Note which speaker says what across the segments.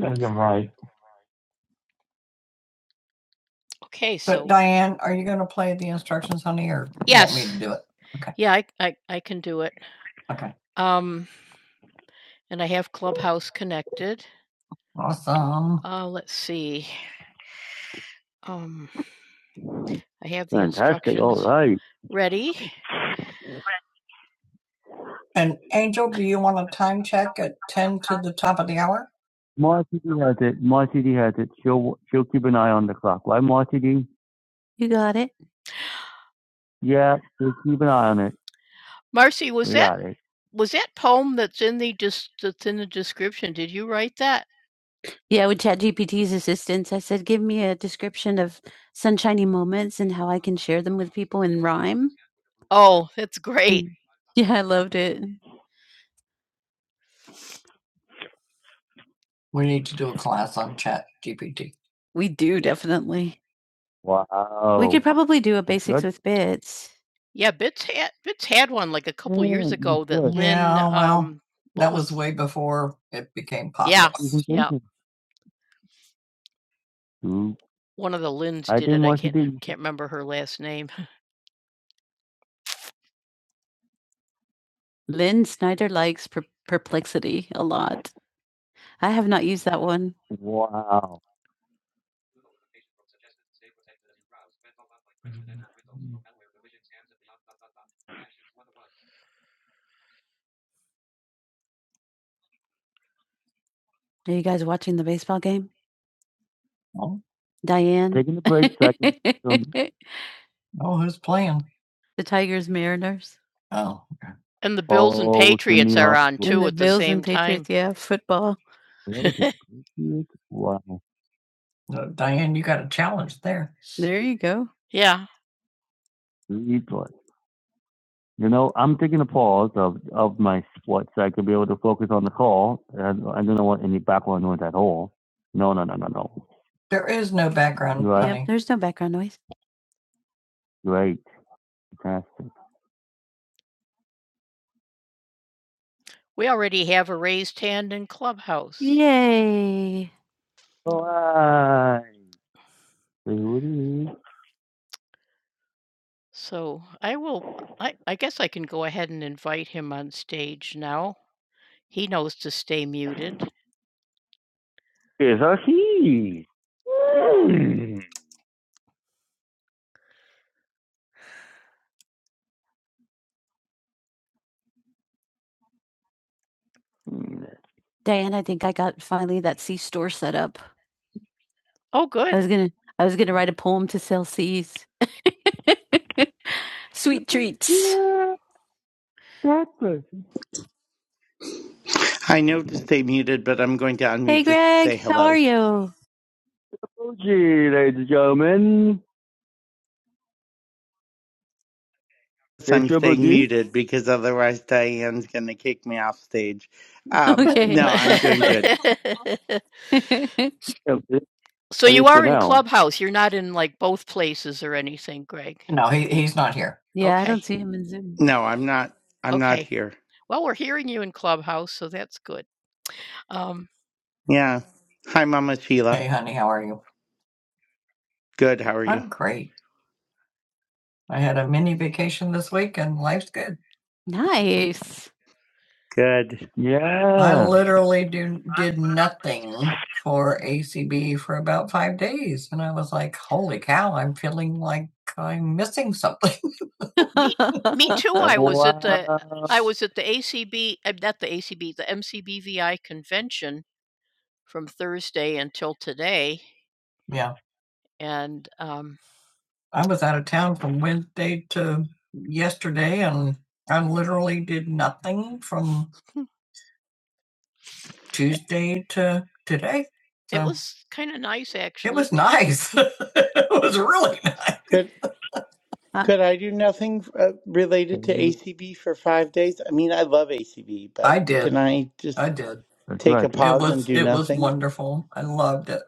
Speaker 1: Sounds right. Diane, are you going to play the instructions, honey, or do it? Okay, okay, awesome. Fantastic. All right. And Angel, do you want a time check at ten to the top of the hour? Marty D has it. Marty D has it. She'll she'll keep an eye on the clock, right, Marty D? Yeah, she'll keep an eye on it. We got it. Yeah, with ChatGPT's assistance, I said, give me a description of sunshiny moments and how I can share them with people in rhyme. Yeah, I loved it. We need to do a class on Chat GPT. We do definitely. Wow. We could probably do a basics Good. with bits. Mm, That was way before it became popular. Mm, Lynn Snyder likes per- perplexity a lot. I have not used that one. Wow. Are you guys watching the baseball game? Oh. Diane. Taking the break so I can Oh, who's playing? The Tigers, Mariners. Oh, okay. Oh, to Jimmy Garoppolo. Yeah, football. Really? Patriots? Wow. Uh, Diane, you got a challenge there. There you go. Replay. You know, I'm taking a pause of, of my sports. so I can be able to focus on the call. And I don't want any background noise at all. No, no, no, no, no. There is no background. Right. Yep, Bonnie. there's no background noise. Great. Crafts Yay. Why? Booty. Here's our key. Mm. Diane, I think I got finally that sea store set up. was gonna I was gonna write a poem to sell seas. Sweet treats. Yeah, breakfast.
Speaker 2: I know to stay muted, but I'm going to unmute
Speaker 1: Hey
Speaker 2: just to say
Speaker 1: Greg, how are
Speaker 2: hello.
Speaker 1: you? Triple G, ladies and gentlemen.
Speaker 2: So
Speaker 1: Hey,
Speaker 2: I'm
Speaker 1: Triple
Speaker 2: staying
Speaker 1: G.
Speaker 2: muted because otherwise Diane's going to kick me off stage. Um,
Speaker 1: Okay.
Speaker 2: no, I'm doing good.
Speaker 1: Yeah, No, he, he's not here. Yeah, See him in Zoom.
Speaker 2: No, I'm not. I'm not here. Yeah. Hi, Mama Sheila.
Speaker 1: Hey, honey, how are you?
Speaker 2: Good. How are you?
Speaker 1: I'm great. I had a mini vacation this week and life's good. Nice.
Speaker 2: Good.
Speaker 1: Yeah. I Yeah. literally do, did nothing for ACB for about five days. And I was like, holy cow, I'm feeling like I'm missing something. Me, Wow. Yeah, I was out of town from Wednesday to yesterday, and I literally did nothing from Tuesday to today. It's Nice. it was really. Nice.
Speaker 2: Good.
Speaker 1: Uh,
Speaker 2: Could I do nothing uh,
Speaker 1: There
Speaker 2: related to
Speaker 1: you
Speaker 2: ACB for five days? I mean, I love ACB,
Speaker 1: I
Speaker 2: but
Speaker 1: did.
Speaker 2: can I just
Speaker 1: I did. That's
Speaker 2: take
Speaker 1: right.
Speaker 2: a
Speaker 1: It
Speaker 2: pause and
Speaker 1: was.
Speaker 2: do
Speaker 1: It was
Speaker 2: nothing?
Speaker 1: wonderful. I loved it.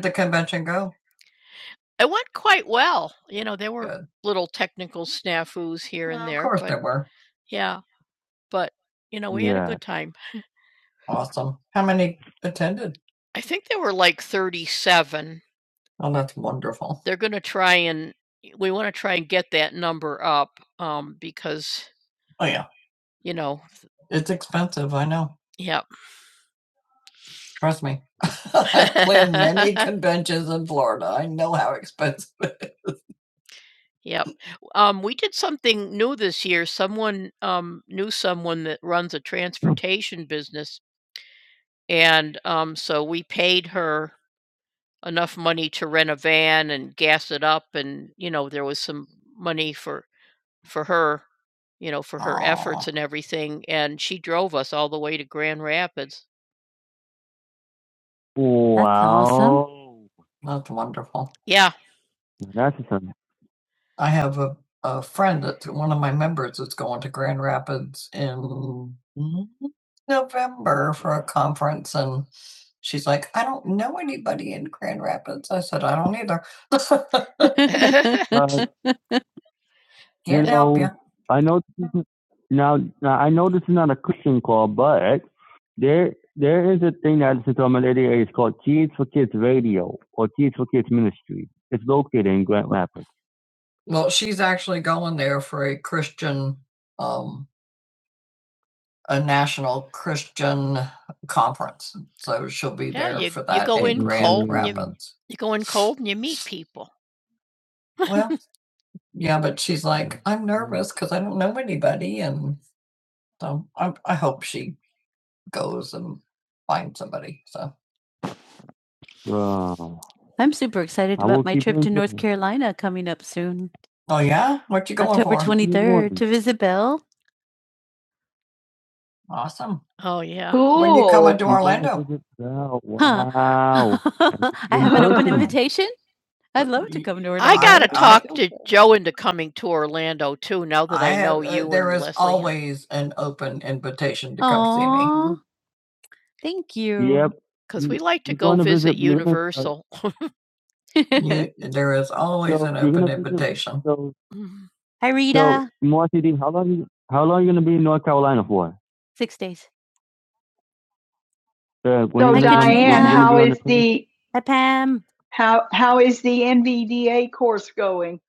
Speaker 1: The convention go. It were awesome. How many attended? Oh, that's wonderful. Oh, yeah. It's expensive, I know. Trust me. And in Florida, I know how expensive it is. Wow. awesome. Wow. That's wonderful. That's awesome. I have a, a friend that's one of my members that's going to Grand Rapids in November for a conference. And she's like, I don't know anybody in Grand Rapids. I said, I don't either. That's you Can't help you. know, you. I know this is now, now I know this is not a Christian call, but there there is a thing that is on my lady is called Kids for Kids Radio or Kids for Kids Ministry. It's located in Grand Rapids. Well, she's actually going there for a Christian, um, a national Christian conference. So she'll be You in and you- Rapids. Well, yeah, but she's like, I'm nervous because I don't know anybody and so I, I hope she goes and finds somebody. So Oh, I'm super excited I about my trip to North Carolina coming up soon. oh yeah, what you going October for? 23rd to visit Belle. awesome. Cool. When you coming to Orlando? guys Huh. Wow. I have an open Awesome. invitation. I'd love to come to Orlando. Please an open invitation to come Aww, see Aw, thank you. Yep. uh, You, there is always So an open going visit- invitation. So Hi, So, Rita. Marcy D, how long you how long you gonna be in North Carolina for? Six days. Uh, when So is Hi, it when Diane, when you Katrina. how it the is twenty? the, Hi, Pam. how, how is the NVDA course going?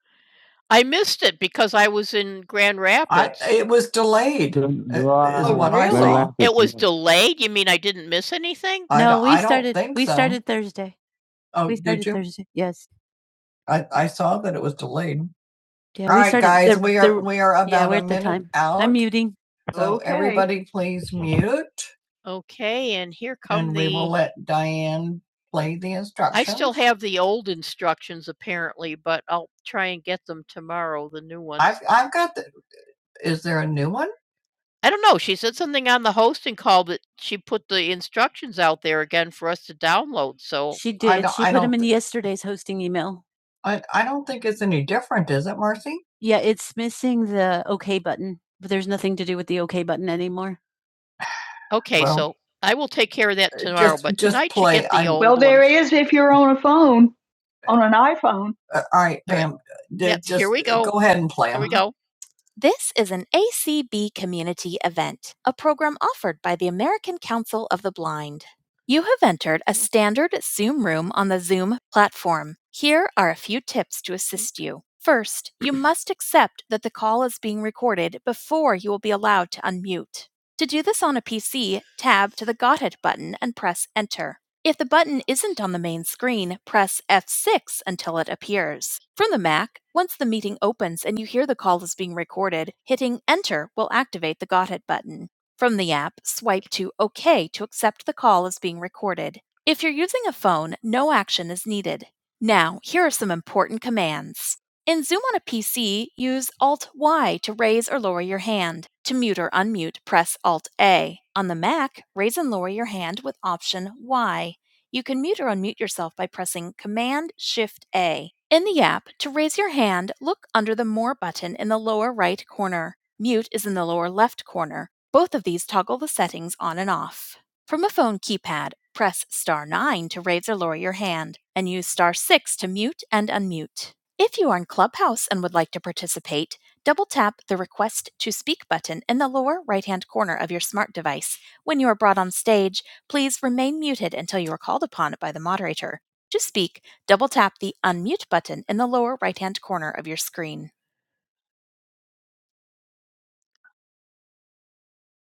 Speaker 1: It was delayed. uh, Is July what I very saw. I No, don't, we I don't started. think We so. started Thursday. Oh, We did started you? Thursday. Yes. I, I saw that it was delayed. Yeah, we All right, started. guys, The, we are, the, we are yeah, about we're a at the minute time. out. I'm muting. So Okay. everybody please mute. let Diane play the instructor. I've got the. Is there a new one? She did. She put them in yesterday's hosting email. I, I don't think it's any different, is it, Marcy? Yeah, it's missing the OK button, but there's nothing to do with the OK button anymore. If you're on a phone, on an iPhone, Uh, all right, um, go ahead and play.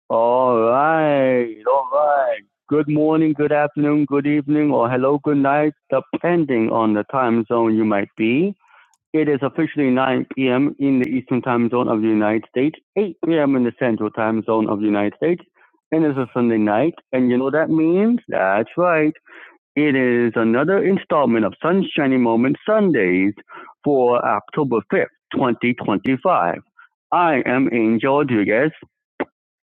Speaker 1: All right, all right. Good morning, good afternoon, good evening, or hello, good night, depending on the time zone you might be. It is officially 9 p.m. in the Eastern Time Zone of the United States, 8 p.m. in the Central Time Zone of the United States, and it's a Sunday night. And you know what that means? That's right. It is another installment of Sunshiny Moment Sundays for October 5th, 2025. I am Angel Rodriguez.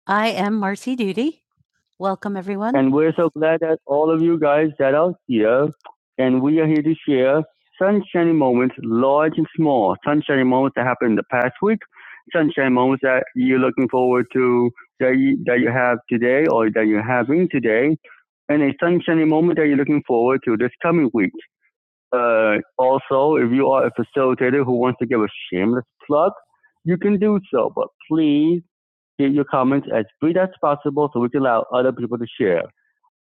Speaker 1: I am Marcy Duty. Welcome, everyone. And we're so glad that all of you guys that are here, and we are here to share sunshiny moments, large and small, sunshiny moments that happened in the past week, sunshiny moments that you're looking forward to, that you, that you have today or that you're having today, and a sunshiny moment that you're looking forward to this coming week. Uh, also, if you are a facilitator who wants to give a shameless plug, you can do so, but please keep your comments as brief as possible so we can allow other people to share.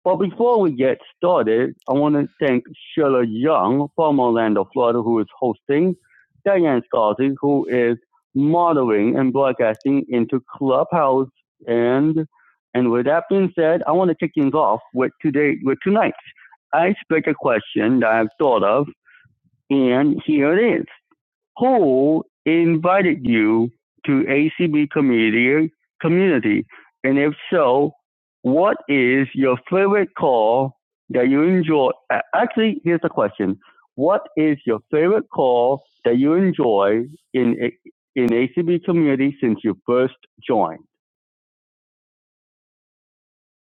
Speaker 1: But before we get started, I want to thank Sheila Young from Orlando, Florida, who is hosting, Diane Scalzi, who is modeling and broadcasting into Clubhouse. And and with that being said, I want to kick things off with today with tonight's icebreaker question that I've thought of, and here it is who invited you to ACB community community? And if so, what is your favorite call that you enjoy? Actually, here's the question: What is your favorite call that you enjoy in in ACB community since you first joined?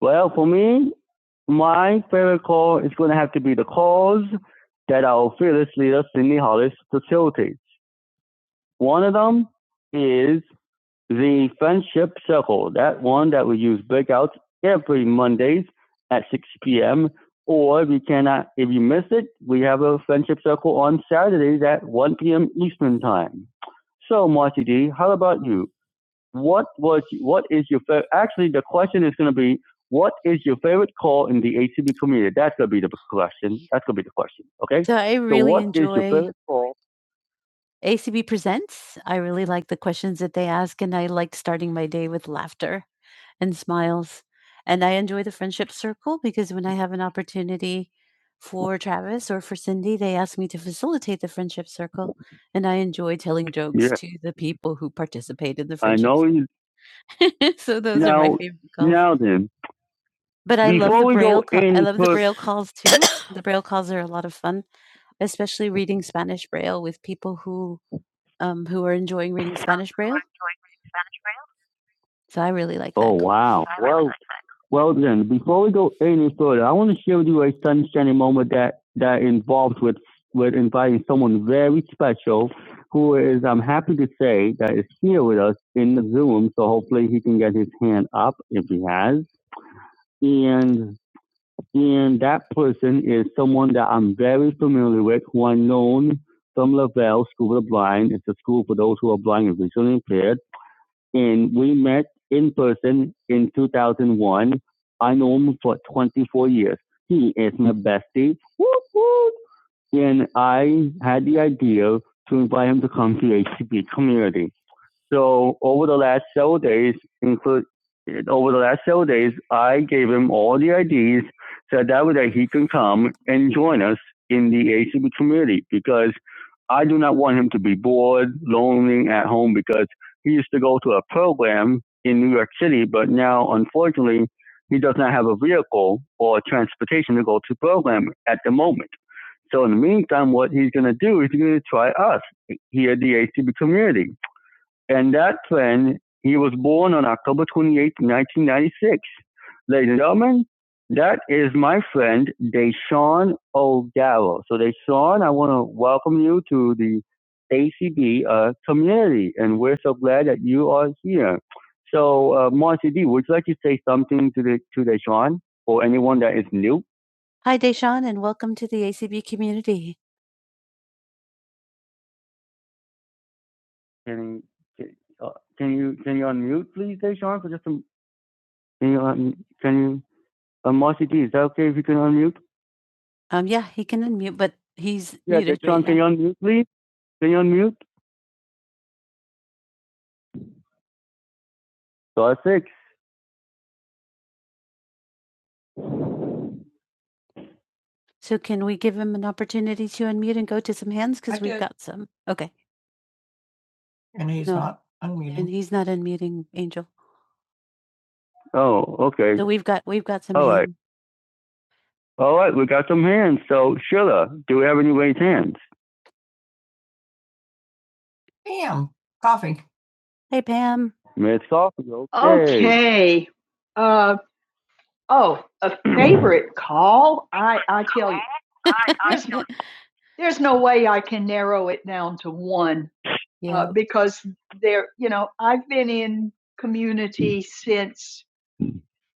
Speaker 1: Well, for me, my favorite call is going to have to be the calls that our fearless leader Cindy Hollis facilitates. One of them is The Friendship Circle, that one that we use breakouts every Mondays at 6 p.m. Or if you cannot, if you miss it, we have a Friendship Circle on Saturdays at 1 p.m. Eastern Time. So, Marcy D, how about you? What was, what is your favorite? Actually, the question is going to be, what is your favorite call in the ACB community? That's going to be the question. That's going to be the question. Okay. So I So, really so what enjoy. is your enjoy favorite call ACB Presents. I really like the questions that they ask, and I like starting my day with laughter and smiles. And I enjoy the friendship circle because when I have an opportunity for Travis or for Cindy, they ask me to facilitate the friendship circle, and I enjoy telling jokes Yeah. to the people who participate in the I friendship know you circle. so those are my now favorite calls. now then. But I love Before the before we braille. go Call, I any love the further braille calls too. The braille calls are a lot of fun, especially reading Spanish braille with people who um, who are enjoying reading Spanish Braille, so I really like Oh that. wow! Well, well then, before we go any further, I want to share with you a sunshiny moment that that involves with with inviting someone very special, who is I'm happy to say that is here with us in the Zoom. So hopefully he can get his hand up if he has. And and that person is someone that I'm very familiar with, who I known from Lavelle School of the Blind. It's a school for those who are blind and visually impaired and we met in person in 2001. I know him for 24 years. He is my bestie. Whoop, whoop. And I had the idea to invite him to come to HCP community. So over the last several days, include over the last several days, I gave him all the IDs so that way that he can come and join us in the ACB community because I do not want him to be bored, lonely at home because he used to go to a program in New York City, but now unfortunately he does not have a vehicle or transportation to go to program at the moment. So in the meantime, what he's going to do is he's going to try us here at the ACB community. And that friend, he was born on October 28, 1996. Ladies and gentlemen, that is my friend, Deshaun O'Darrow. So, Deshaun, I want to welcome you to the ACB uh, community, and we're so glad that you are here. So, uh, Marcy D, would you like to say something to the to Deshaun or anyone that is new? Hi, Deshaun, and welcome to the ACB community. Can can, uh, can you can you unmute please, Deshaun, for just a Can you, um, can you, uh, Marcy D, is that okay if you can unmute? Um, yeah, he can unmute, but he's Yeah, muted Deshaun, right can now. you unmute, please? Can you unmute? Star six. So can we give him an opportunity to unmute and go to some hands? Because we've did. got some. Okay. And he's No. not unmuting. And he's not unmuting Angel. Oh, okay. So we've got, we've got some. All hands. right. hand- All right, we got some hands. So, Sheila, do we have any raised hands? Bam, coffee. Hey Pam. Miss Coffee, okay. Okay. Uh, Oh, a favorite call? I, I tell you, there's, there's no way I can narrow it down to one Yeah. uh, because there, you know, I've been in community since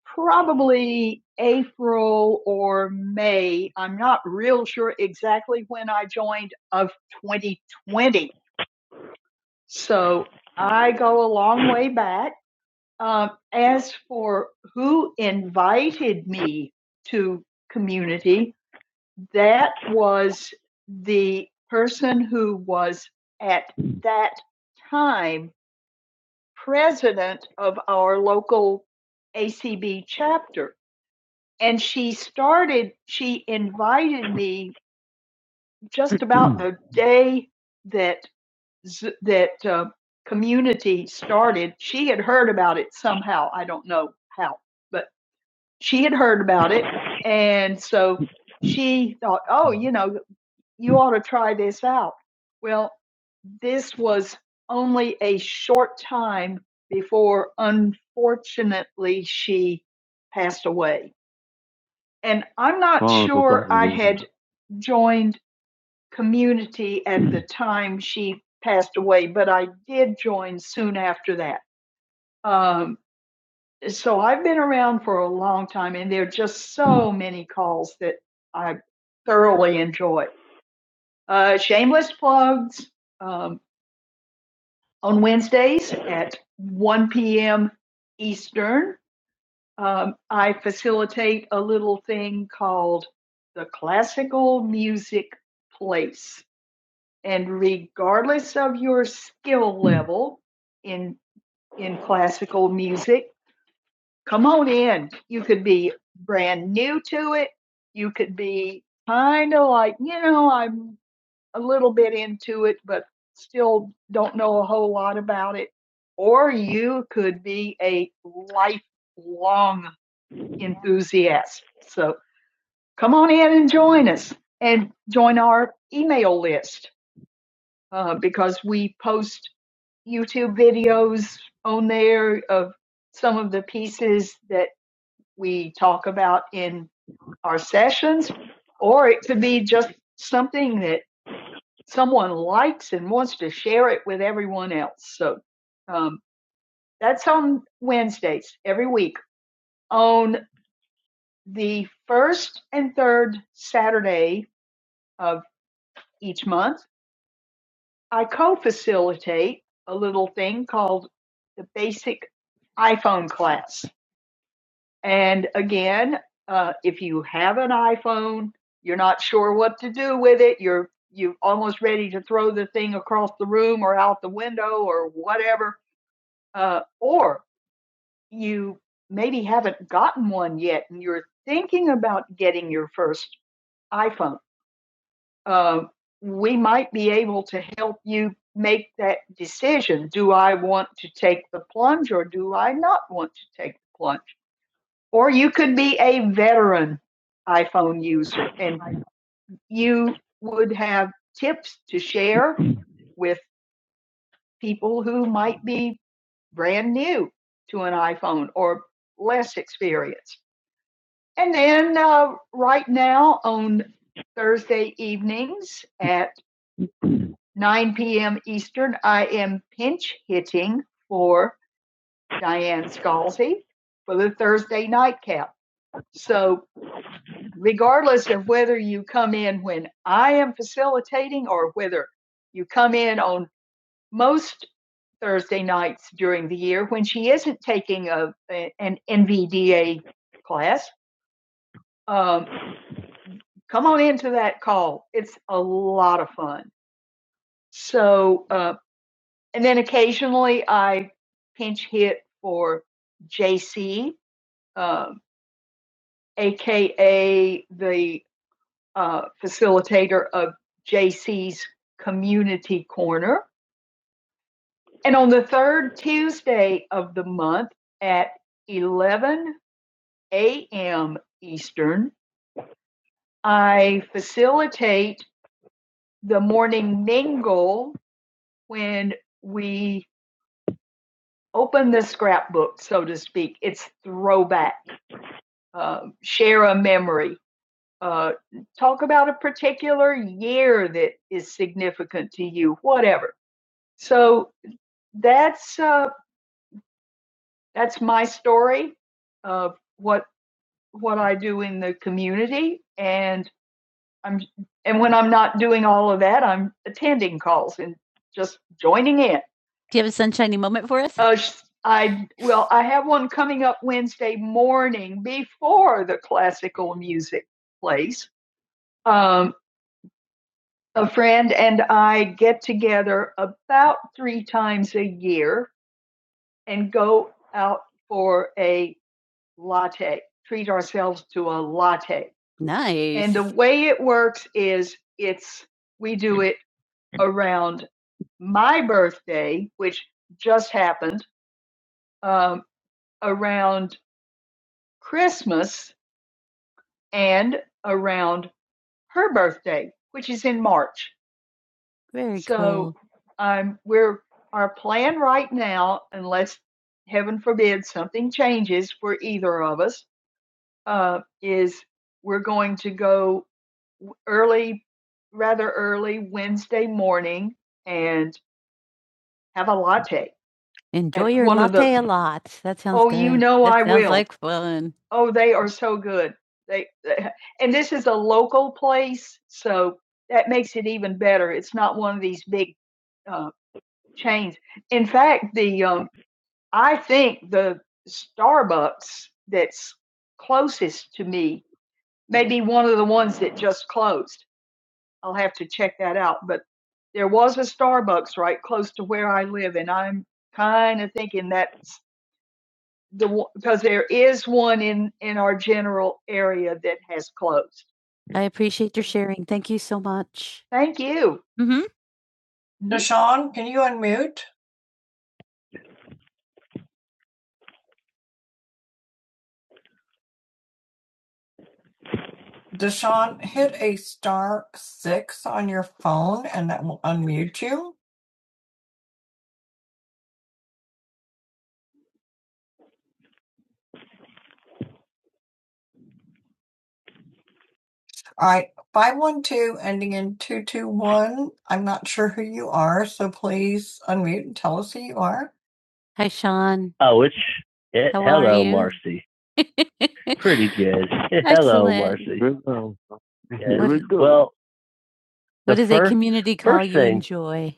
Speaker 1: probably April or May. I'm not real sure exactly when I joined of 2020. So I go a long way back. Uh, as for who invited me to community, that was the person who was at that time president of our local ACB chapter. And she started, she invited me just about the day that that uh, community started. She had heard about it somehow. I don't know how, but she had heard about it. And so she thought, oh, you know, you ought to try this out. Well, this was only a short time before, unfortunately, she passed away. And I'm not Oh, so sure I had joined community at the time she passed away, but I did join soon after that. Um, so I've been around for a long time, and there are just so many calls that I thoroughly enjoy. Uh, shameless plugs um, on Wednesdays at 1 p.m. Eastern. Um, I facilitate a little thing called the Classical Music Place, and regardless of your skill level in in classical music, come on in. You could be brand new to it. You could be kind of like, you know, I'm a little bit into it, but still don't know a whole lot about it. Or you could be a lifelong enthusiast. So come on in and join us and join our email list uh, because we post YouTube videos on there of some of the pieces that we talk about in our sessions, or it could be just something that someone likes and wants to share it with everyone else. So um, that's on Wednesdays every week. On the first and third Saturday of each month, I co facilitate a little thing called the Basic iPhone class. And again, uh, if you have an iPhone, you're not sure what to do with it. You're you are almost ready to throw the thing across the room or out the window or whatever. Uh, or you maybe haven't gotten one yet, and you're thinking about getting your first iPhone. Uh, we might be able to help you make that decision. Do I want to take the plunge or do I not want to take the plunge? Or you could be a veteran iPhone user and you would have tips to share with people who might be brand new to an iPhone or less experienced. And then uh, right now on Thursday evenings at 9 p.m. Eastern, I am pinch hitting for Diane Scalzi for the Thursday nightcap. So regardless of whether you come in when I am facilitating or whether you come in on most Thursday nights during the year when she isn't taking a, an NVDA class, um, come on into that call. It's a lot of fun. So, uh, and then occasionally I pinch hit for JC, um, aka the uh, facilitator of JC's Community Corner. And on the third Tuesday of the month at 11 a.m. Eastern, I facilitate the morning mingle when we open the scrapbook, so to speak. It's throwback, uh, share a memory, uh, talk about a particular year that is significant to you, whatever. So that's uh, that's my story of what what I do in the community, and I'm and when I'm not doing all of that, I'm attending calls and just joining in. Do you have a sunshiny moment for us? Uh, I well, I have one coming up Wednesday morning before the classical music plays. Um, a friend and I get together about three times a year and go out for a latte, treat ourselves to a latte. Nice. And the Nice. way it works is it's we do it around my birthday, which just happened, um, around Christmas and around her birthday, which is in March. Very So cool. So um, we're our plan right now, unless heaven forbid something changes for either of us, uh, is we're going to go early, rather early Wednesday morning and have a latte. Enjoy your one the- latte a lot. That sounds Oh, good. you know That I sounds will. like fun. Oh, they are so good. They, they- and this is a local place, so that makes it even better. It's not one of these big uh, chains. In fact, the um, I think the Starbucks that's closest to me may be one of the ones that just closed. I'll have to check that out. But there was a Starbucks right close to where I live, and I'm kind of thinking that's the because there is one in in our general area that has closed. I appreciate your sharing. Thank you so much. Thank you. Mhm. Deshaun, can you unmute? Deshaun, hit a star six on your phone and that will unmute you. All right, 512 ending in 221. I'm not sure who you are, so please unmute and tell us who you are. Hi, Sean. Oh, it's eh, How are hello, are you? Marcy. Pretty good. hello, Marcy. Here Yes. What Well, What the does first, a community call you thing enjoy?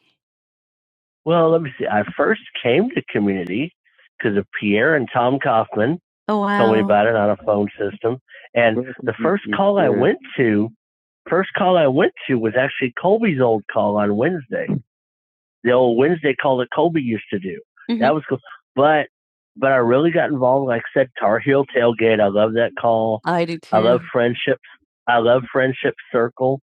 Speaker 1: Well, let me see. I first came to community because of Pierre and Tom Kaufman Oh wow. told me wow. about it on a phone system. And the first call I went to, first call I went to was actually Colby's old call on Wednesday the old Wednesday call that Colby used to do. Mm-hmm. That was cool. But but I really got involved, like I said, Tar Heel Tailgate. I love that call. I do too. I love friendships. I love friendship circle.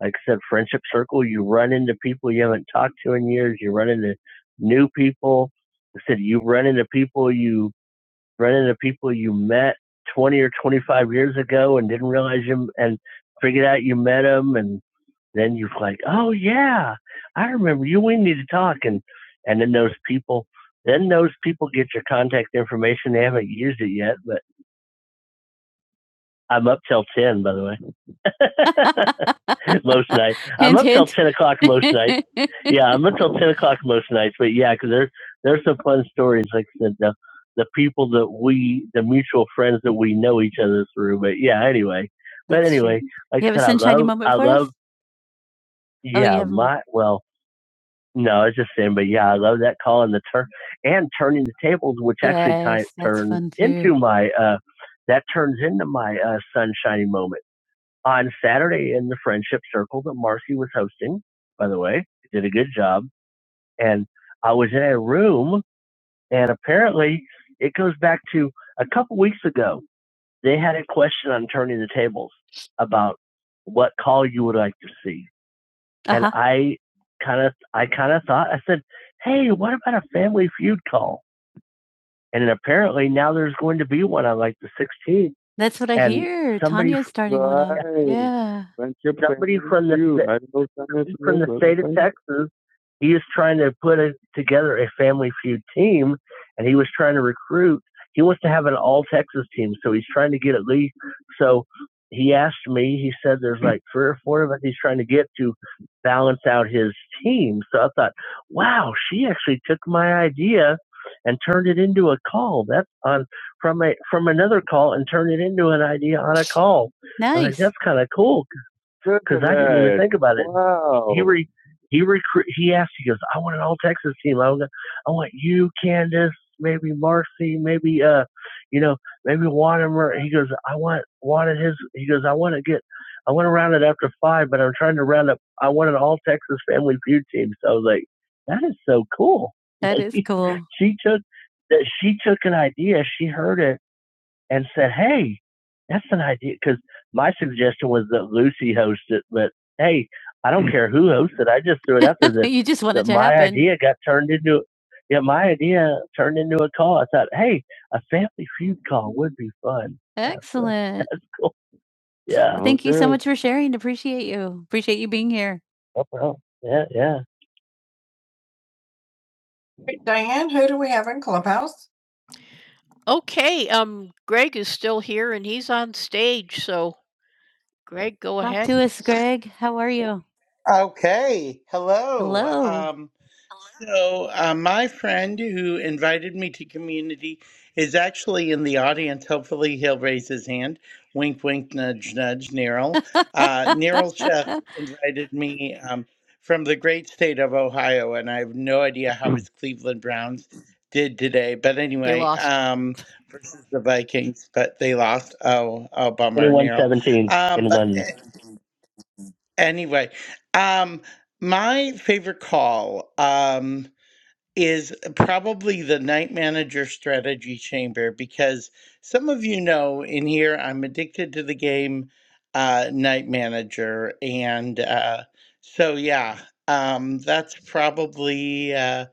Speaker 1: Like I said, friendship circle. You run into people you haven't talked to in years. You run into new people. I said you run into people you run into people you met 20 or 25 years ago and didn't realize you and figured out you met them and then you're like oh yeah i remember you we need to talk and and then those people then those people get your contact information they haven't used it yet but i'm up till 10 by the way most nights. I'm up till ten o'clock most nights. Yeah, I'm up till ten o'clock most nights. But yeah, because there's there's some fun stories. Like I said, the the people that we, the mutual friends that we know each other through. But yeah, anyway. But anyway, like You I have a said, I sunshiny I love- moment I for love, us? love. Oh, Yeah, my well, no, I was just saying. But yeah, I love that call and the turn and turning the tables, which yes, actually Yes, kind that's turns into my. uh that turns into my uh, sunshiny moment on Saturday in the friendship circle that Marcy was hosting, by the way, did a good job. And I was in a room, and apparently it goes back to a couple weeks ago. They had a question on turning the tables about what call you would like to see, Uh and huh. I kind of, I kind of thought, I said, "Hey, what about a Family Feud call?" And apparently now there's going to be one on like the 16th. That's what I And hear. Tanya's starting right. one Right. Yeah. somebody from the somebody from the state of Texas, he is trying to put a, together a family feud team, and he was trying to recruit. He wants to have an all Texas team, so he's trying to get at least. So he asked me. He said there's like three or four of us he's trying to get to balance out his team. So I thought, wow, she actually took my idea and turned it into a call. That's on from a from another call and turned it into an idea on a call. I like, Nice. that's kind of cool Good because I didn't even think about it. Wow. He re he recruit he asked, he goes, I want an all Texas team. I want, I want you, Candace, maybe Marcy, maybe uh you know, maybe Wanamaker. He goes, I want wanted his he goes, I wanna get I want to round it up to five, but I'm trying to round up I want an all Texas family feud team. So I was like, That is so cool. That like, is cool. She took that she took an idea, she heard it and said, "Hey, that's an idea." Because my suggestion was that Lucy host it, but hey, I don't care who hosts it. I just threw it out there that, you just wanted to my happen. idea got turned into yeah, my idea turned into a call. I thought, hey, a family feud call would be fun. Excellent. That's that's cool. Yeah. Thank you so much for sharing. Appreciate you. Appreciate you being here. No problem. Yeah, yeah. Diane, who do we have in Clubhouse? Louis, Greg, how are you?
Speaker 2: Okay. Hello.
Speaker 1: Hello.
Speaker 2: Um, So, uh, my friend who invited me to community is actually in the audience. Hopefully, he'll raise his hand. Wink, wink, nudge, nudge, Neryl. Uh, Neryl Chef invited me um, from the great state of Ohio, and I have no idea how his Cleveland Browns did today. But anyway, um, versus the Vikings, but they lost. Oh, oh, bummer, Neryl.
Speaker 1: 2117
Speaker 2: Um,
Speaker 1: in
Speaker 2: but
Speaker 1: London.
Speaker 2: eh, anyway, um, my favorite call. Um, is probably the night manager strategy chamber because some of you know in here I'm addicted to the game uh, Night Manager. And uh, so, yeah, um, that's probably. Uh,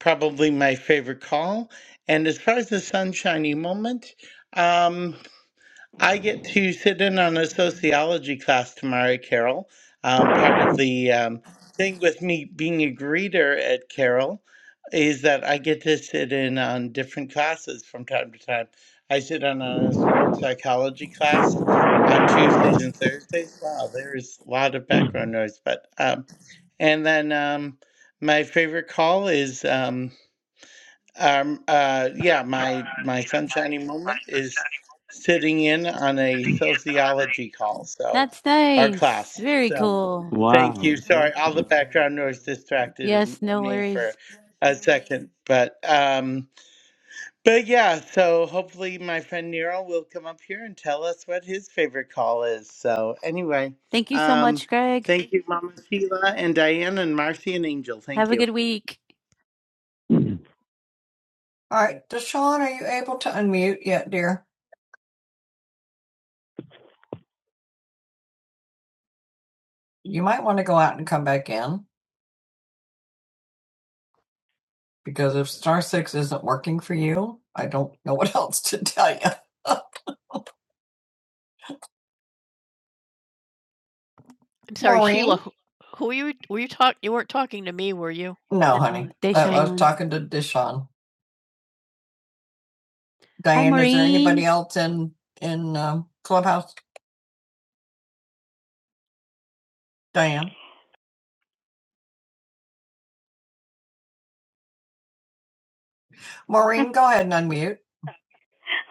Speaker 2: Probably my favorite call. And as far as the sunshiny moment, um. I get to sit in on a sociology class tomorrow, Carol. Um, part of the um, thing with me being a greeter at Carol is that I get to sit in on different classes from time to time. I sit in on a sports psychology class on Tuesdays and Thursdays. Wow, there's a lot of background noise, but um, and then um, my favorite call is. um, um, uh, yeah, my my sunshiny moment is sitting in on a sociology call, so
Speaker 1: That's
Speaker 2: our
Speaker 1: nice.
Speaker 2: class.
Speaker 1: Very
Speaker 2: So
Speaker 1: cool.
Speaker 2: thank
Speaker 1: Wow,
Speaker 2: you.
Speaker 1: that's
Speaker 2: Sorry, all the
Speaker 1: awesome.
Speaker 2: background noise distracted in-
Speaker 1: Yes, no
Speaker 2: me for
Speaker 1: worries.
Speaker 2: a second, but um, but yeah. So hopefully, my friend Nero will come up here and tell us what his favorite call is. So anyway,
Speaker 1: Thank you so
Speaker 2: um,
Speaker 1: much, Greg.
Speaker 2: thank you, Mama Sheila and Diane and Marcy and Angel. Thank
Speaker 1: Have a
Speaker 2: you.
Speaker 1: good week. All right, Deshaun, are you able to unmute yet, dear? You might want to go out and come back in because if star six isn't working for you, I don't know what else to tell you. no, no, honey. They I was talking to Deshaun. Diane, hi, is there anybody else in in um, clubhouse? Diane. Maureen, go ahead and unmute.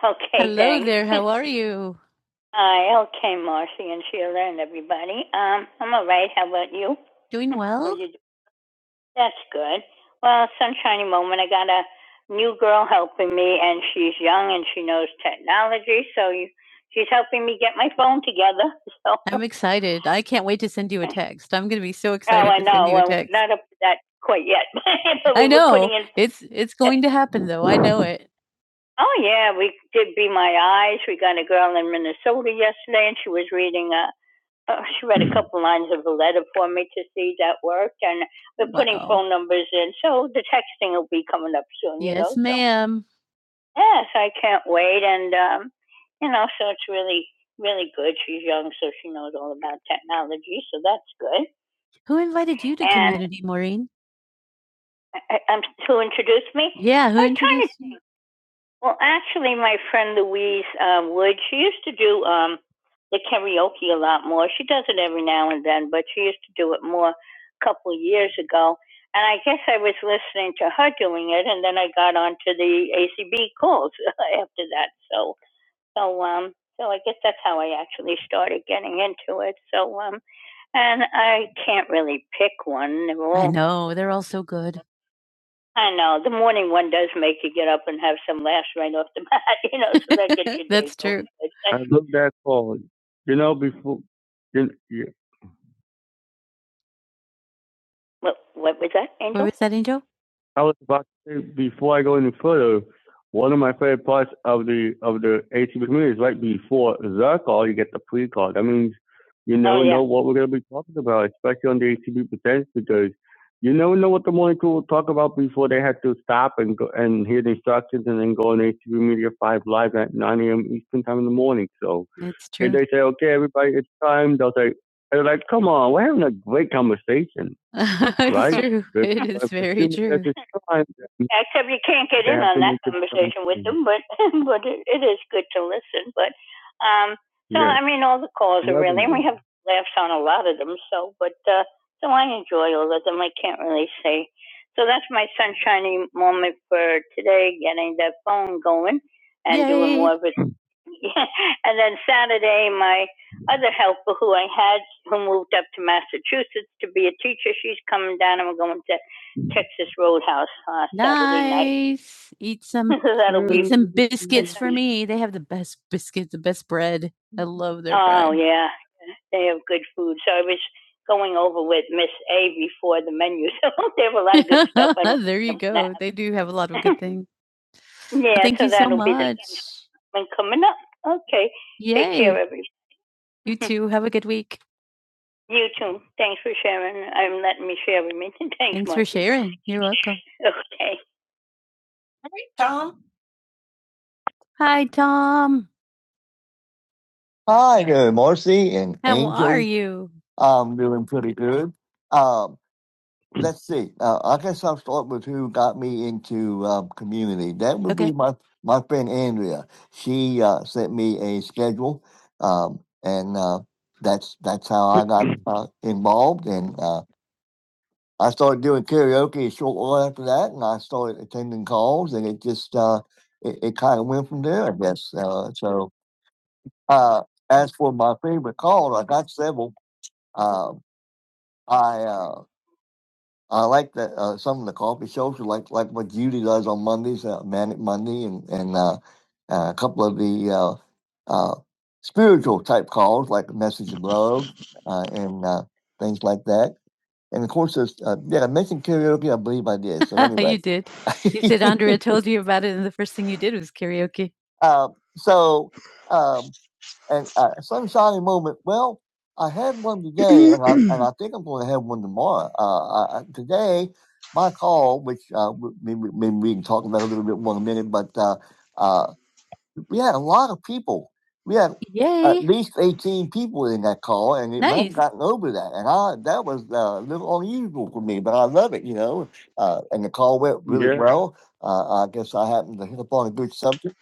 Speaker 1: Okay, Hello thanks. there, how are you? Hi, okay, Marcy and Sheila and everybody. Um, I'm all right. How about you? Doing How well? you do? That's good. Well, sunshiny moment. I got a new girl helping me, and she's young and she knows technology, so you, she's helping me get my phone together. So, I'm excited. I can't wait to send you a text. I'm going to be so oh, excited I to send know. you a Well, text. not up to that quite yet, but I we were putting know. in. It's it's going to happen though. I know it. Oh yeah, we did Be My Eyes. We got a girl in Minnesota yesterday, and she was reading a. Uh, she read a couple lines of a letter for me to see that worked, and we're putting Wow. phone numbers in, so the texting will be coming up soon. Yes, you know, Yes, so- ma'am. Yes, I can't wait, and um, you know, so it's really, really good. She's young, so she knows all about technology, so that's good. Who invited you to And community, Maureen? I, I- I'm to me. Yeah, who I'm introduced you? Well, actually, my friend Louise um, Wood, she used to do um, the karaoke a lot more. She does it every now and then, but she used to do it more a couple of years ago. And I guess I was listening to her doing it, and then I got onto the ACB calls after that. So, so, um, so I guess that's how I actually started getting into it. So, um, and I can't really pick one. They're I all know. They're all so good. I know the morning one does make you get up and have some laughs right off the bat, you know, so that gets your That's true. I look love that song. You know, before you, you What, what was that, Angel? What was that, Angel? I was about to say before I go any further, one of my favorite parts of the of the ATV community is right before the call, you get the pre call. That means you never oh, yeah. know what we're going to be talking about, especially on the ATV Presents, because you never know what the morning crew will talk about before they have to stop and go and hear the instructions and then go on ATV Media 5 Live at 9 a.m. Eastern Time in the morning. So That's if true. If they say, okay, everybody, it's time, they'll say, they're like, come on, we're having a great conversation. it's right? true. But- It is very true. time, Except you can't get in Yeah, on so that conversation with them, but but it, it is good to listen. But um, so yeah. I mean, all the calls are Love really, and we have laughs on a lot of them. So, but uh, so I enjoy all of them. I can't really say. So that's my sunshiny moment for today, getting that phone going and doing Yay. doing more of it. and then Saturday, my other helper who I had who moved up to Massachusetts to be a teacher. She's coming down and we're going to Texas Roadhouse uh, Nice. Eat some That'll eat be some biscuits Nice. for me. They have the best biscuits, the best bread. I love their oh bread. yeah, they have good food. So I was going over with Miss A before the menu, so they have a lot of good stuff. there you go. snacks. They do have a lot of good things. yeah, Thank so you so that be the much. next coming up. Okay, take Yay. Take care, everybody. You too. Have a good week. You too. Thanks for sharing. I'm letting me share with me. Thanks, Thanks Mark. for sharing. You're welcome. Okay. Tom? Hi, Tom. Hi, uh, Marcy and How Angel. are you? I'm doing pretty good. Um, let's see. Uh, I guess I'll start with who got me into um, community. That would okay. be Okay. my my friend Andrea. She uh, sent me a schedule, um, and uh, that's that's how I got uh, involved. And uh, I started doing karaoke a short while after that, and I started attending calls, and it just uh, it, it kind of went from there, I guess. Uh, so, uh, as for my favorite call, I got several. Um, I uh, I like the uh, some of the coffee shows, like like what Judy does on Mondays, uh, Manic Monday, and and uh, uh, a couple of the uh, uh, spiritual type calls, like Message of Love, uh, and uh, things like that. And of course, there's, uh, did I mentioned karaoke? I believe I did. So anyway, You anyway, did. You said Andrea told you about it, and the first thing you did was karaoke. um, so um, and uh, some shiny moment. Well, I had one today, and I and I think I'm going to have one tomorrow. Uh, I, I- today, my call, which uh, we, we, we we can talk about a little bit more in a minute, but uh, uh, we had a lot of people. We had at Yay. least 18 people in that call, and it went Nice. gotten over that. And I that was uh, a little unusual for me, but I love it, you know. Uh, and the call went really Yeah. well. Uh, I guess I happened to hit upon a good subject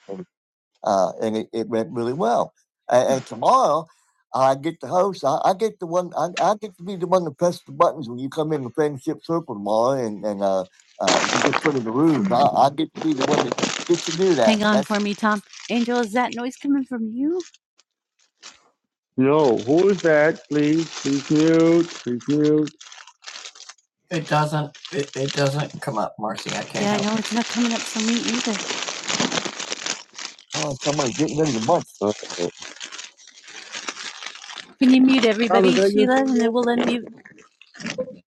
Speaker 1: uh, and it, it went really well. And, and tomorrow, I get to host. I, I get the one. I, I get to be the one to press the buttons when you come in the friendship circle tomorrow, and and uh, uh, you get put in the room. I, I get to be the one that gets to do that. Hang on That's for me, Tom. Angel, is that noise coming from you? No, who is that? Please, please mute, please mute. It doesn't. It, it doesn't come up, Marcy. I can't Yeah, I help know it. it's not coming up for me either. oh, somebody's getting rid of the mic. Can you mute everybody, Hallelujah. Sheila, you. and then we'll unmute?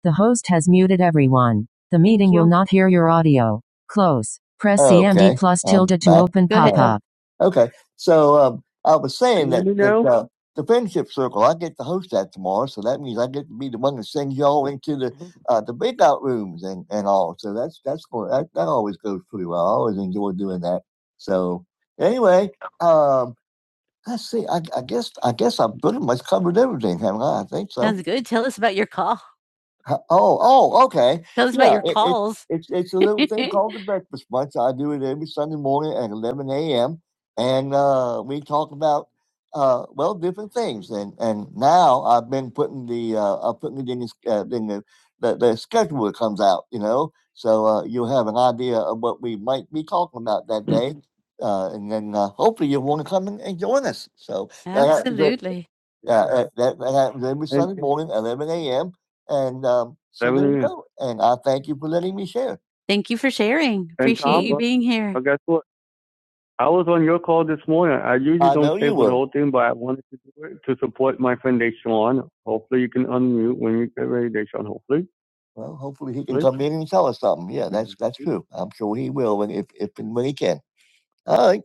Speaker 1: The host has muted everyone. The meeting Thank will not hear your audio. Close. Press CMD Okay, C M D plus I'm tilde um, to back. open Go pop Uh, up. okay, so um, I was saying that me that uh, the friendship circle, I get to host that tomorrow, so that means I get to be the one that sends y'all into the uh, the big out rooms and, and all. So that's that's going that, that always goes pretty well. I always enjoy doing that. So anyway, um. I see. I I guess I guess I pretty much covered everything, haven't I? I think so. Sounds good. Tell us about your call. Huh, Oh, oh, okay. Tell us about Yeah, your it, it, calls. it's it's a little thing called the breakfast bunch. I do it every Sunday morning at 11 a.m. And uh, we talk about uh, well different things. And and now I've been putting the uh, I'm putting it in, this, uh, in the, the the schedule that comes out. You know, so uh, you'll have an idea of what we might be talking about that day. Uh, and then uh, hopefully you'll want to come and, and join us. So that happens at Absolutely. yeah, uh, that, that happens every Sunday morning, 11 a.m. And, um, so there you Definitely. go, and I thank you for letting me share. Thank you for sharing. And Appreciate Tom, you uh, being here. well, guess what? I was on your call this morning. I usually I know don't stay you for the were. whole thing, but I wanted to do it to support my friend Deshaun. Hopefully, you can unmute when you get ready, Deshaun. Hopefully, Well, hopefully he can hopefully. come in and tell us something. Yeah, that's that's true. Ken. All right.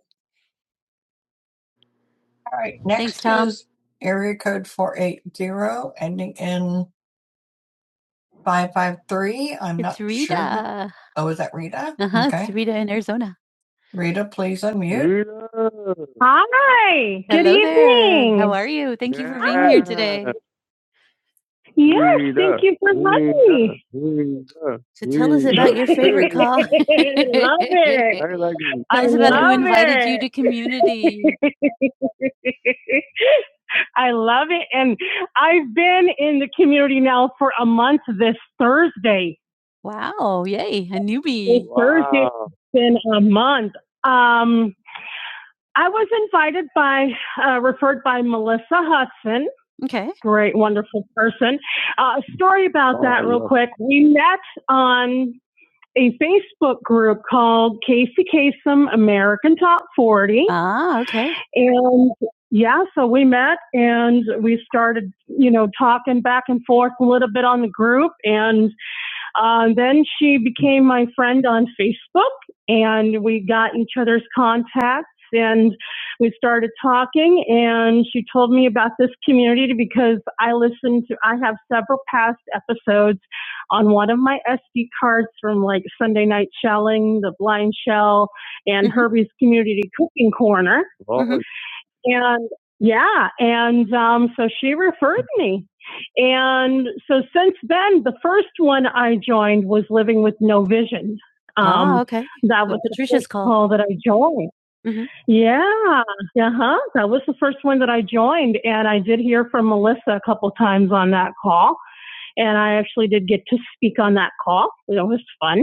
Speaker 1: All right, Thanks, next Tom. is area code 480, ending in 553. I'm It's not sure. Rita. Oh, is that Rita? Uh huh. It's Okay. Rita in Arizona. Rita, please unmute. Rita. Hi. Good Hello there. evening. There. How are you? Thank yeah. you for being here Yeah. today. Yes, Rita, thank you for having me. Rita, So tell Rita. us about your favorite call. Love it. I like it. Tell us about who invited it. you to community. I love it. And I've been in the community now for a month this Thursday. Wow. Yay. A This newbie. Thursday, Wow. Thursday. it's been a month. Um, I was invited by, uh, referred by Melissa Hudson. Okay. Great, wonderful person. Uh, story about Oh, that, real quick. We met on a Facebook group called Casey Kasem American Top 40. Ah, okay. And yeah, so we met and we started, you know, talking back and forth a little bit on the group. And uh, then she became my friend on Facebook, and we got each other's contacts. And we started talking, and she told me about this community because I listened to, I have several past episodes on one of my SD cards from like Sunday Night Shelling, The Blind Shell, and Mhm. Herbie's Community Cooking Corner. Well, Mhm. And yeah, and um, so she referred me. And so since then, the first one I joined was Living with No Vision. Um, oh, okay. That Oh, was the Patricia's first call. that I joined. Mhm. Yeah, uh huh. That was the first one that I joined, and I did hear from Melissa a couple times on that call, and I actually did get to speak on that call. It was fun.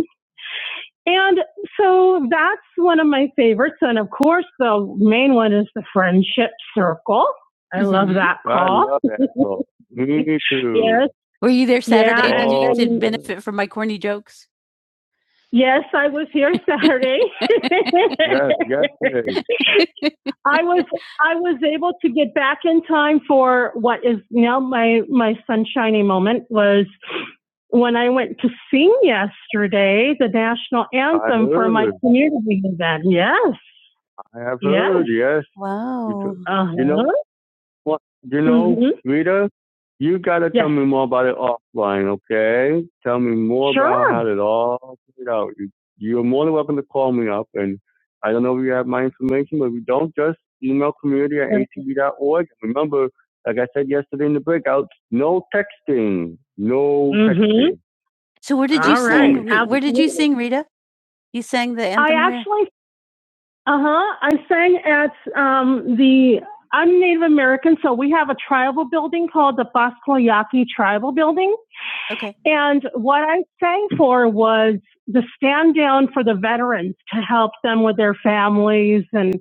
Speaker 1: And so that's one of my favorites. And of course, the main one is the friendship circle. I mm-hmm. love that I call. I love that. book. Me too. Yes, Were you there Saturday? Yeah, Did you and- did benefit from my corny jokes? yes, I was here Saturday. Yes, yes, yes. I was I was able to get back in time for what is now my my sunshiny moment was when I went to sing yesterday the national anthem for my community event. Yes. I have Yes. heard, yes. yes. Wow. You, t- Uh-huh. You know, well, you know, Mhm. Rita, you gotta tell Yes. me more about it offline, okay? Tell me more about Sure. how it all played out. You- You're more than welcome to call me up, and I don't know if you have my information, but if you don't, just email community at Sure. atv.org. Remember, like I said yesterday in the breakout, no texting, no Mhm. texting. So where did you All Call right. sing? Re- Where did you Absolutely. sing, Rita? You sang the I anthem where? actually uh huh. I sang at um, the. I'm Native American, so we have a tribal building called the Pasquayaki Tribal Building. Okay. And what I sang for was the stand down for the veterans to help them with their families and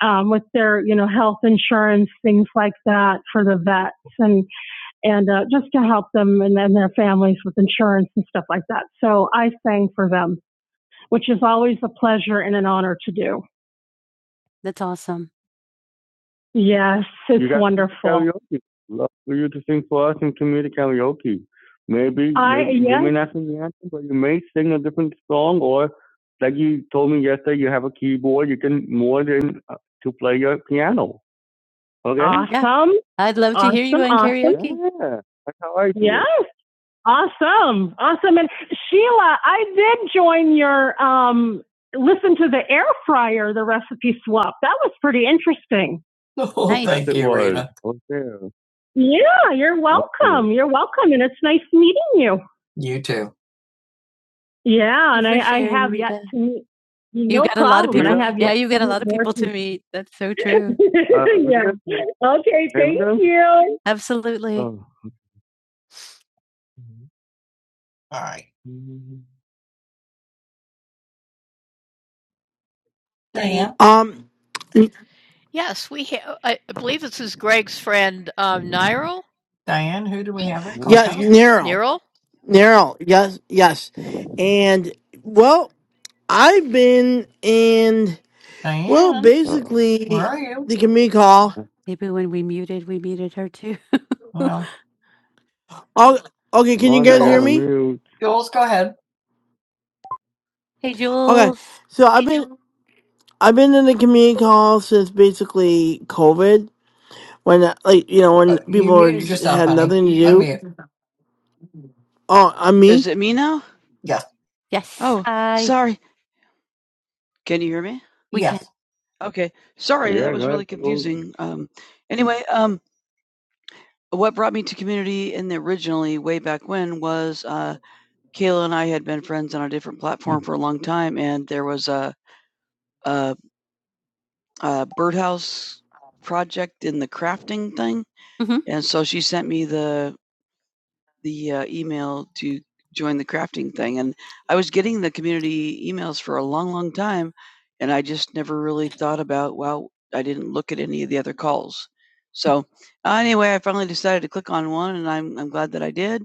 Speaker 1: um, with their, you know, health insurance, things like that for the vets and, and uh, just to help them and then their families with insurance and stuff like that. So I sang for them, which is always a pleasure and an honor to do. That's awesome. Yes, You it's you got wonderful. karaoke. Love for you to sing for us and to me to karaoke. Maybe, I- maybe you may yes. not sing the anthem, but you may sing a different song, or like you told me yesterday, you have a keyboard. You can more than uh, to play your piano. Okay. Awesome. Yeah. I'd love to awesome, hear you in awesome. karaoke. Yeah, that's how I do. Yes. Awesome. Awesome. And Sheila, I did join your um listen to the air fryer, the recipe swap. That was pretty interesting. Oh, Nice. thank Yes, you, was. Oh, yeah. Yeah, you're welcome. You're welcome. And it's nice meeting you. You too. Yeah, and Thank you I, have yet Rita. to meet You no got problem. a lot of people. have yeah, you got a lot of people to meet. That's so true. yeah. Okay, thank you. Absolutely. Oh. All right. Mhm. Diane?
Speaker 3: Um, n-
Speaker 1: Diane, who do we have at
Speaker 3: yeah,
Speaker 1: Clubhouse?
Speaker 3: Nero, Nero, yes, yes, and well, I've been in well,
Speaker 1: Diane, Oh, where
Speaker 3: basically
Speaker 1: are you?
Speaker 3: the community call.
Speaker 1: Maybe when we muted, we muted her too. Well,
Speaker 3: Oh, okay,
Speaker 1: come
Speaker 3: can you
Speaker 1: on, Jules.
Speaker 3: guys
Speaker 1: I got
Speaker 3: hear
Speaker 1: Jules,
Speaker 3: me?
Speaker 1: mute. Jules, go ahead. hey,
Speaker 3: Okay,
Speaker 1: Jules.
Speaker 3: so I've been I've been in the community call since basically COVID when like you know
Speaker 1: Uh,
Speaker 3: when
Speaker 1: you
Speaker 3: people were
Speaker 1: muted
Speaker 3: just,
Speaker 1: yourself,
Speaker 3: had
Speaker 1: honey.
Speaker 3: nothing to do.
Speaker 1: Unmute.
Speaker 3: Oh, I'm me.
Speaker 1: Yes. Yes. Oh, I, sorry. Can you hear me? we yes. can. Okay. Sorry, Yeah, that was really confusing. Um, anyway, um, what brought me to community And originally on a different platform for a long time, and there was a a, a birdhouse project in the crafting thing, Mhm. and so she sent me the the uh, email to join the crafting thing. And I was getting the community emails for a long, long time, and I just never really thought about. Wow, I didn't look at any of the other calls. So uh, anyway, I finally decided to click on one, and I'm I'm glad that I did.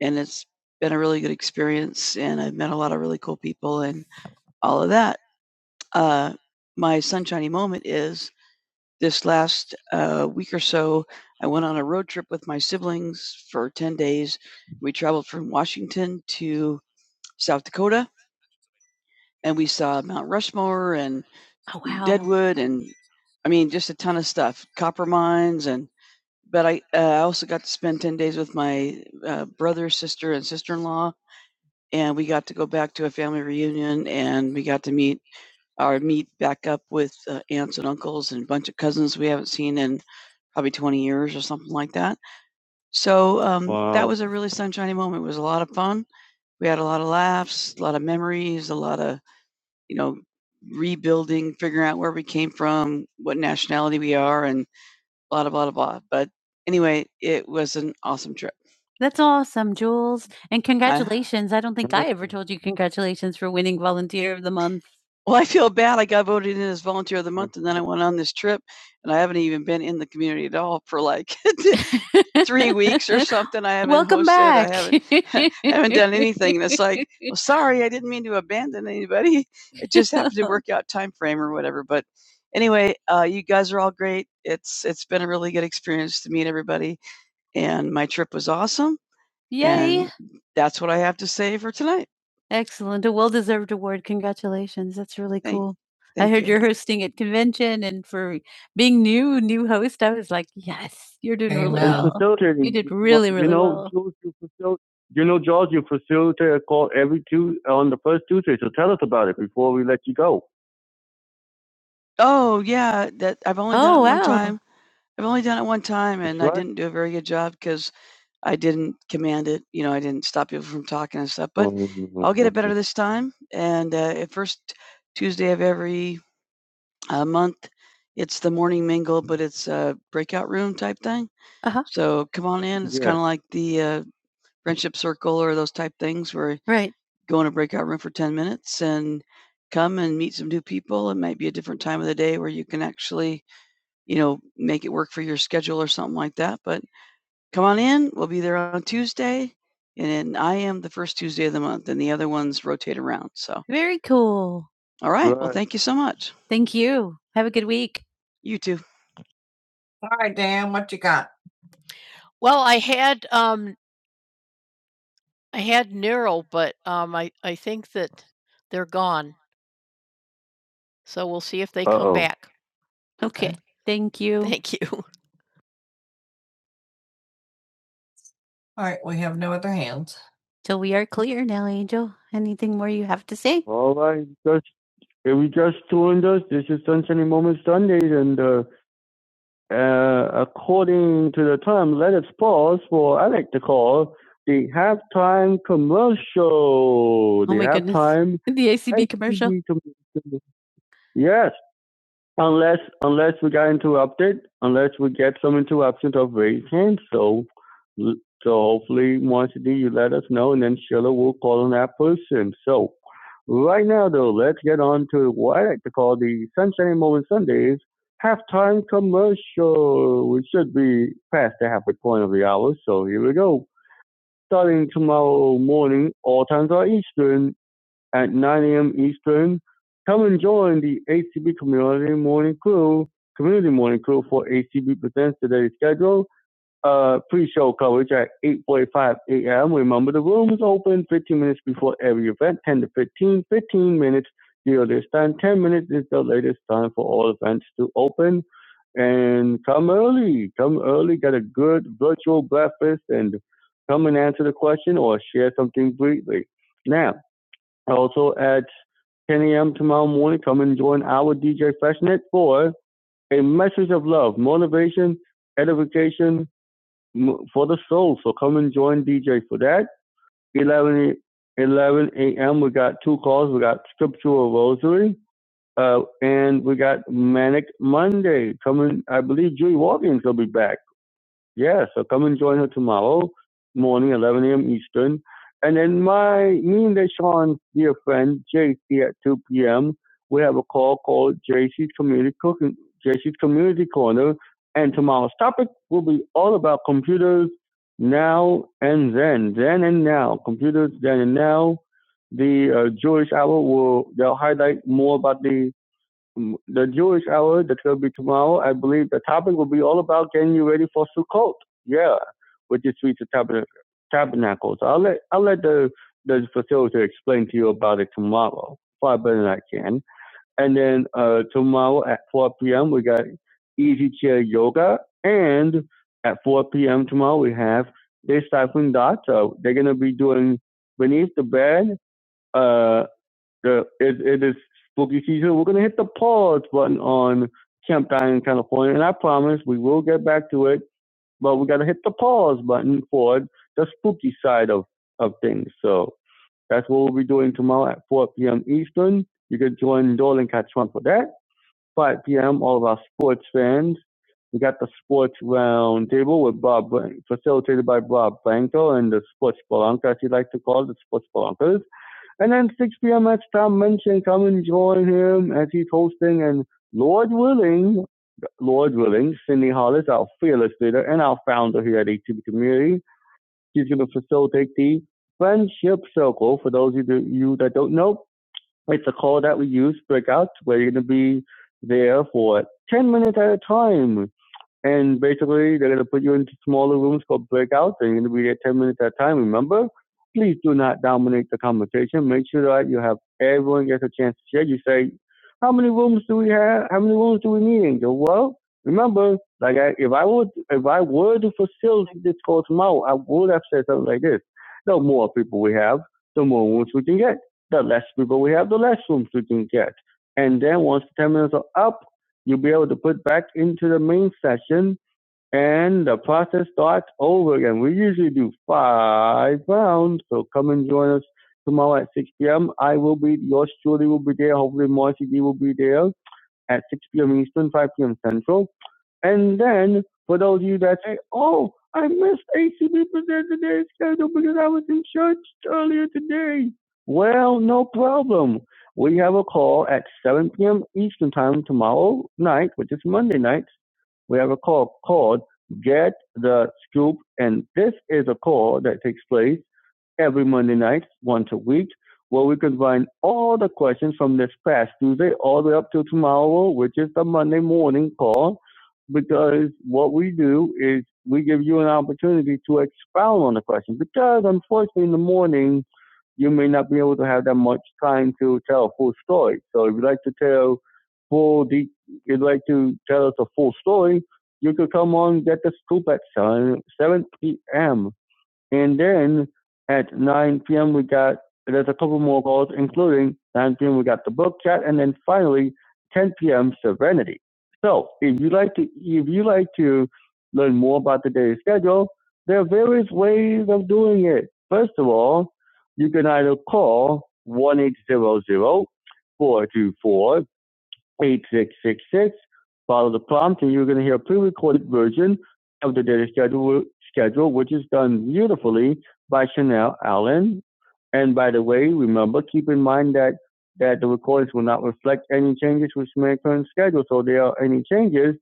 Speaker 1: And it's been a really good experience, and I've met a lot of really cool people and all of that. Uh, my sunshiny moment is this last uh, week or so, I went on a road trip with my siblings for 10 days. We traveled from Washington to South Dakota and we saw Mount Rushmore and wood and I mean, just a ton of stuff, copper mines. And but I, uh, I also got to spend 10 days with my uh, brother, sister, and sister in law. And we got to go back to a family reunion and we got to meet our meet back up with uh, aunts and uncles and a bunch of cousins we haven't seen in probably 20 years or something like that So, um, that Wow. was a really sunshiny moment. It was a lot of fun. We had a lot of laughs, a lot of memories, a lot of, you know, rebuilding, figuring out where we came from, what nationality we are, and blah, blah, blah, blah. But anyway, it was an awesome trip. That's awesome, Jules. And I congratulations. I don't think I ever told you congratulations for winning Volunteer of the Month. Well, I feel bad. I got voted in as volunteer of the Mm. month, and then I went on this trip, and I haven't even been in the community at all for like three weeks or something. I haven't Welcome hosted. I back. haven't I haven't done anything. And it's like, well, sorry, I didn't mean to abandon anybody. It just happened to work out time frame or whatever. Anyway, I, and awesome, Yay. and Right. Excellent. A well-deserved award. Congratulations. That's really Thank cool. I thank heard you. you're hosting at convention and for being new new host, I was like, "Yes, you're doing really And Amen. well. You facilitating, did really, you really know, well." Jules, you facil you know, George, you facilitate a call every two on the first Tuesday, so tell us about it before we let you go. Oh, yeah, that I've only I've only done it one time, and I Right. didn't do a very good job because I didn't command it, you know, I didn't s kinda stuff, but I'll get it better Mm. this time, and, uh, at first a month. It's the morning mingle, but it's a breakout room type thing. So come on in. It's Yeah. kind of like a friendship circle. Right. So, Very cool. all right. Well, Right. thank Thank you. Have a good week. All right, Dan, what you got? Okay. Thank you. All right, we have no other hands. So we are clear now, Angel. Anything more you have to say? All right. Just if we just joined us, this is Sunshiny Moment Sundays, and uh, uh, according to the time, let us pause for Alec to call the halftime commercial. Oh the oh my goodness. halftime goodness. The ACB commercial. commercial. Yes, Unless unless we got interrupted, unless we get some interruptions of raised hands. So so hopefully Marcy, you let us know and then Sheila will call on that person. So right now though, let's get on to what I like to call the Sunshine Moment Sundays halftime commercial. We should be past the halfway point of the hour, so here we go. Starting tomorrow morning, all times are Eastern at 9 a.m. Eastern. Come and join the ACB Community Morning Crew, Community Morning Crew for ACB Presents today's schedule. Uh, pre-show coverage at 8.45 a.m. Remember, the room is open 15 minutes before every event, 10 to 15, 15 minutes the earliest time, 10 minutes is the latest time for all events to open. And come early, come early, get a good virtual breakfast and come and answer the question or share something briefly. Now, also at 10 a.m. tomorrow morning, come and join our DJ Freshnet for a message of love, motivation, edification for the soul. So come and join DJ for that. 11, 11 a.m. We got two calls. We got scriptural rosary, uh, and we got manic Monday coming. I believe Julie Watkins will be back. Yeah, so come and join her tomorrow morning, 11 a.m. Eastern. And then my, me and Deshaun's dear friend, JC, at 2 p.m., we have a call called JC's Community Cooking, JC's Community Corner. And tomorrow's topic will be all about computers now and then, then and now, computers then and now. The uh, Jewish Hour will, they'll highlight more about the the Jewish hour that will be tomorrow. I believe the topic will be all about getting you ready for Sukkot. Yeah, with the Feast of Tabernacles. I'll let I'll let the the facilitator explain to you about it tomorrow, far better than I can. And then uh, tomorrow at 4 p.m. we got Easy Chair Yoga, and at 4 p.m. tomorrow we have They Stifling Dots. So they're gonna be doing Beneath the Bed. Uh, uh, it, it is spooky season. We're going to hit the pause button on Camp Dining California, and I promise we will get back to it, but we got to hit the pause button for the spooky side of, of things. So that's what we'll be doing tomorrow at 4 p.m. Eastern. You can join Dolan Catch One for that. 5 p.m., all of our sports fans. We got the sports roundtable with Bob, facilitated by Bob Blanco and the sports Balanca, as you like to call it, the sports Balancas. And then 6 p.m. at Tom Minchin. Come and join him as he's hosting. And Lord willing, Lord willing, Cindy Hollis, our fearless leader and our founder here at ATB Community, she's going to facilitate the Friendship Circle. For those of you that don't know, it's a call that we use, breakout, where you're going to be there for 10 minutes at a time and basically, they're going to put you into smaller rooms called breakouts, and you're going to be there 10 minutes at a time. Remember, please do not dominate the conversation. Make sure that you have everyone gets a chance to share. You say, how many rooms do we have? How many rooms do we need? And go, well, remember, like I, if I would, if I were to facilitate this call tomorrow, I would have said something like this. The more people we have, the more rooms we can get. The less people we have, the less rooms we can get. And then once the 10 minutes are up, you'll be able to put back into the main session and the process starts over again. We usually do five rounds, so come and join us tomorrow at 6 p.m. I will be, yours truly will be there. Hopefully, Marcy D will be there at 6 p.m. Eastern, 5 p.m. Central. And then for those of you that say, oh, I missed ACB Presents Today's schedule because I was in church earlier today. Well, no problem. We have a call at 7 p.m. Eastern Time tomorrow night, which is Monday night. We have a call called Get the Scoop. And this is a call that takes place every Monday night, once a week, where we combine all the questions from this past Tuesday all the way up to tomorrow, which is the Monday morning call. Because what we do is we give you an opportunity to expound on the question. Because unfortunately, in the morning, you may not be able to have that much time to tell a full story. So if you'd like to tell full, de- you'd like to tell us a full story, you could come on get the scoop at 7, 7 p.m. And then at 9 p.m., we got, there's a couple more calls, including 9 p.m., we got the book chat. And then finally, 10 p.m., Serenity. So if you like to, if you like to learn more about the daily schedule, there are various ways of doing it. First of all, you can either call one eight zero zero four two four. 8666. Follow the prompt, and you're going to hear a pre-recorded version of the daily schedule, schedule, which is done beautifully by Chanel Allen. And by the way, remember, keep in mind that that the recordings will not reflect any changes which may occur in schedule. So if there are any changes,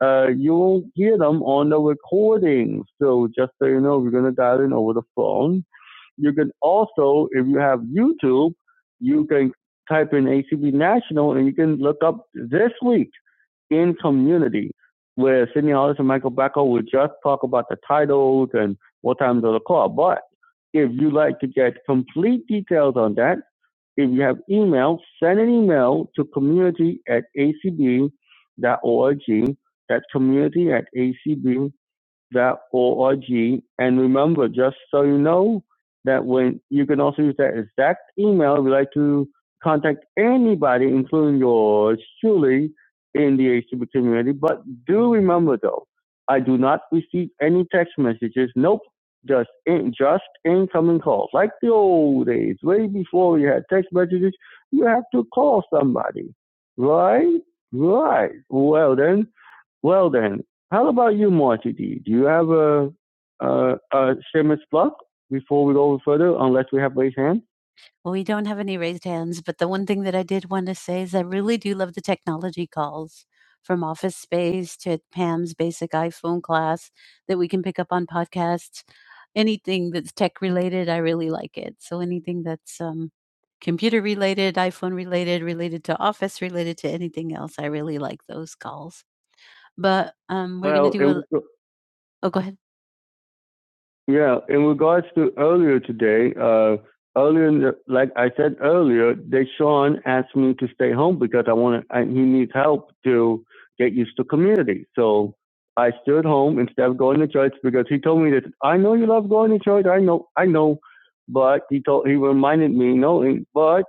Speaker 1: uh, you will hear them on the recording. So just so you know, we're going to dial in over the phone. You can also, if you have YouTube, you can type in ACB National and you can look up this week in community where Sydney Hollis and Michael Beckel will just talk about the titles and what times of the call. But if you like to get complete details on that, if you have email, send an email to community at acb. dot org. That's community at acb www dot j s dot org, And remember, just so you know, that when you can also use that exact email if you'd like to contact anybody, including yours truly, in the HTTP community. But do remember though, I do not receive any text messages. Nope. Just in, just incoming calls, like the old days, way before you had text messages. You have to call somebody, right? Right. Well then, well then, how about you, Marty D? Do you have a a, a shameless plug before we go further? Unless we have raised hands. Well, we don't have any raised hands, but the one thing that I did want to say is I really do love the technology calls from Office Space to Pam's basic iPhone class that we can pick up on podcasts. Anything that's tech related, I really like it. So anything that's um, computer related, iPhone related, related to Office, related to anything else, I really like those calls. But, um, we're gonna Well, to do a. in oh, go ahead. yeah, in regards to earlier today, uh, earlier, in the, like I said earlier, Deshaun asked me to stay home because I want to. I, He needs help to get used to community. So I stood home instead of going to church because he told me that I know you love going to church. I know, I know, but he told he reminded me no, and- but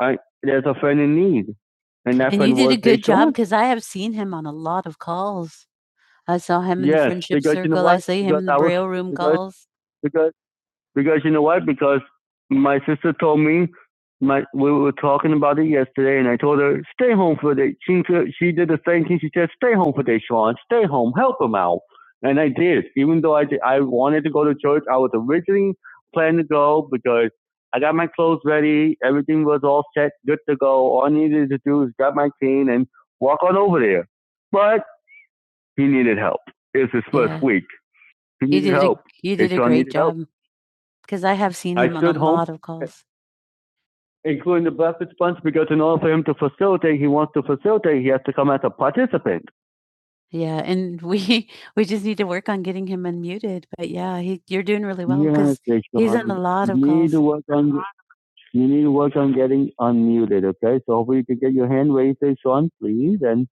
Speaker 1: I there's a friend in need, and that And you friend did a was good job Deshaun. because I have seen him on a lot of calls. I saw him in the Yes, friendship because you know circle. I what? see him Because in the I was braille room because calls. because because you know what? Because my sister told me my we were talking about it yesterday, and I told her stay home for the day. she could- she did the same thing. She said stay home for the day, Sean. Stay home, help him out. And I did, even though I did, I wanted to go to church. I was originally planning to go because I got my clothes ready. Everything was all set, good to go. All I needed to do is grab my cane and walk on over there. He needed help. It's his first Yeah. week. He You needed you did a, help, A, you did a great job because I have seen him on a home- lot of calls. including the Buffett bunch. because in order for him to facilitate, he wants to facilitate, he has to come as a participant. Yeah, and we we just need to work on getting him unmuted. But yeah, he, you're doing really well because Yes, he's on a lot of you calls. need to work on you need to work on getting unmuted, okay? So hopefully you can get your hand raised, eh, Sean, please, and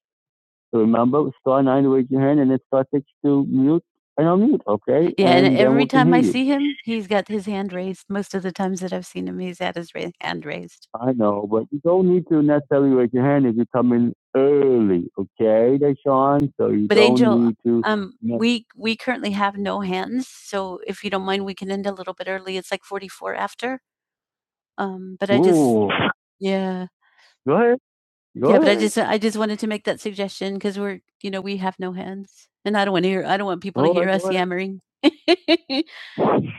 Speaker 1: Remember, star nine to raise your hand, and then star six to mute and unmute. Okay, Yeah, and, and then every we can time I hear you. see him, he's got his hand raised. Most of the times that I've seen him, he's had his ra- hand raised. I know, but you don't need to necessarily raise your hand if you come in early. Okay, Deshaun. So you But don't Angel, need to. um, No, we we currently have no hands, so if you don't mind, we can end a little bit early. It's like forty four after. Um, but I just Ooh, yeah. go ahead. Go Yeah, but I ahead. just I just wanted to make that suggestion because we're you know we have no hands, and I don't want to hear I don't want people to Go hear ahead. us Go ahead. yammering. Go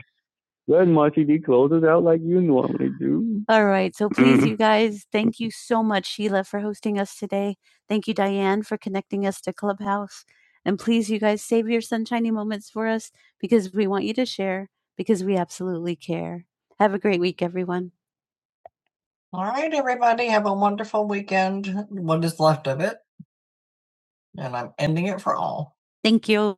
Speaker 1: ahead, Marcy D. Close us out like you normally do. All right, so please, you guys, thank you so much, Sheila, for hosting us today. Thank you, Diane, for connecting us to Clubhouse, and please, you guys, save your sunshiny moments for us because we want you to share because we absolutely care. Have a great week, everyone. All right, everybody, have a wonderful weekend, what is left of it. And I'm ending it for all. Thank you.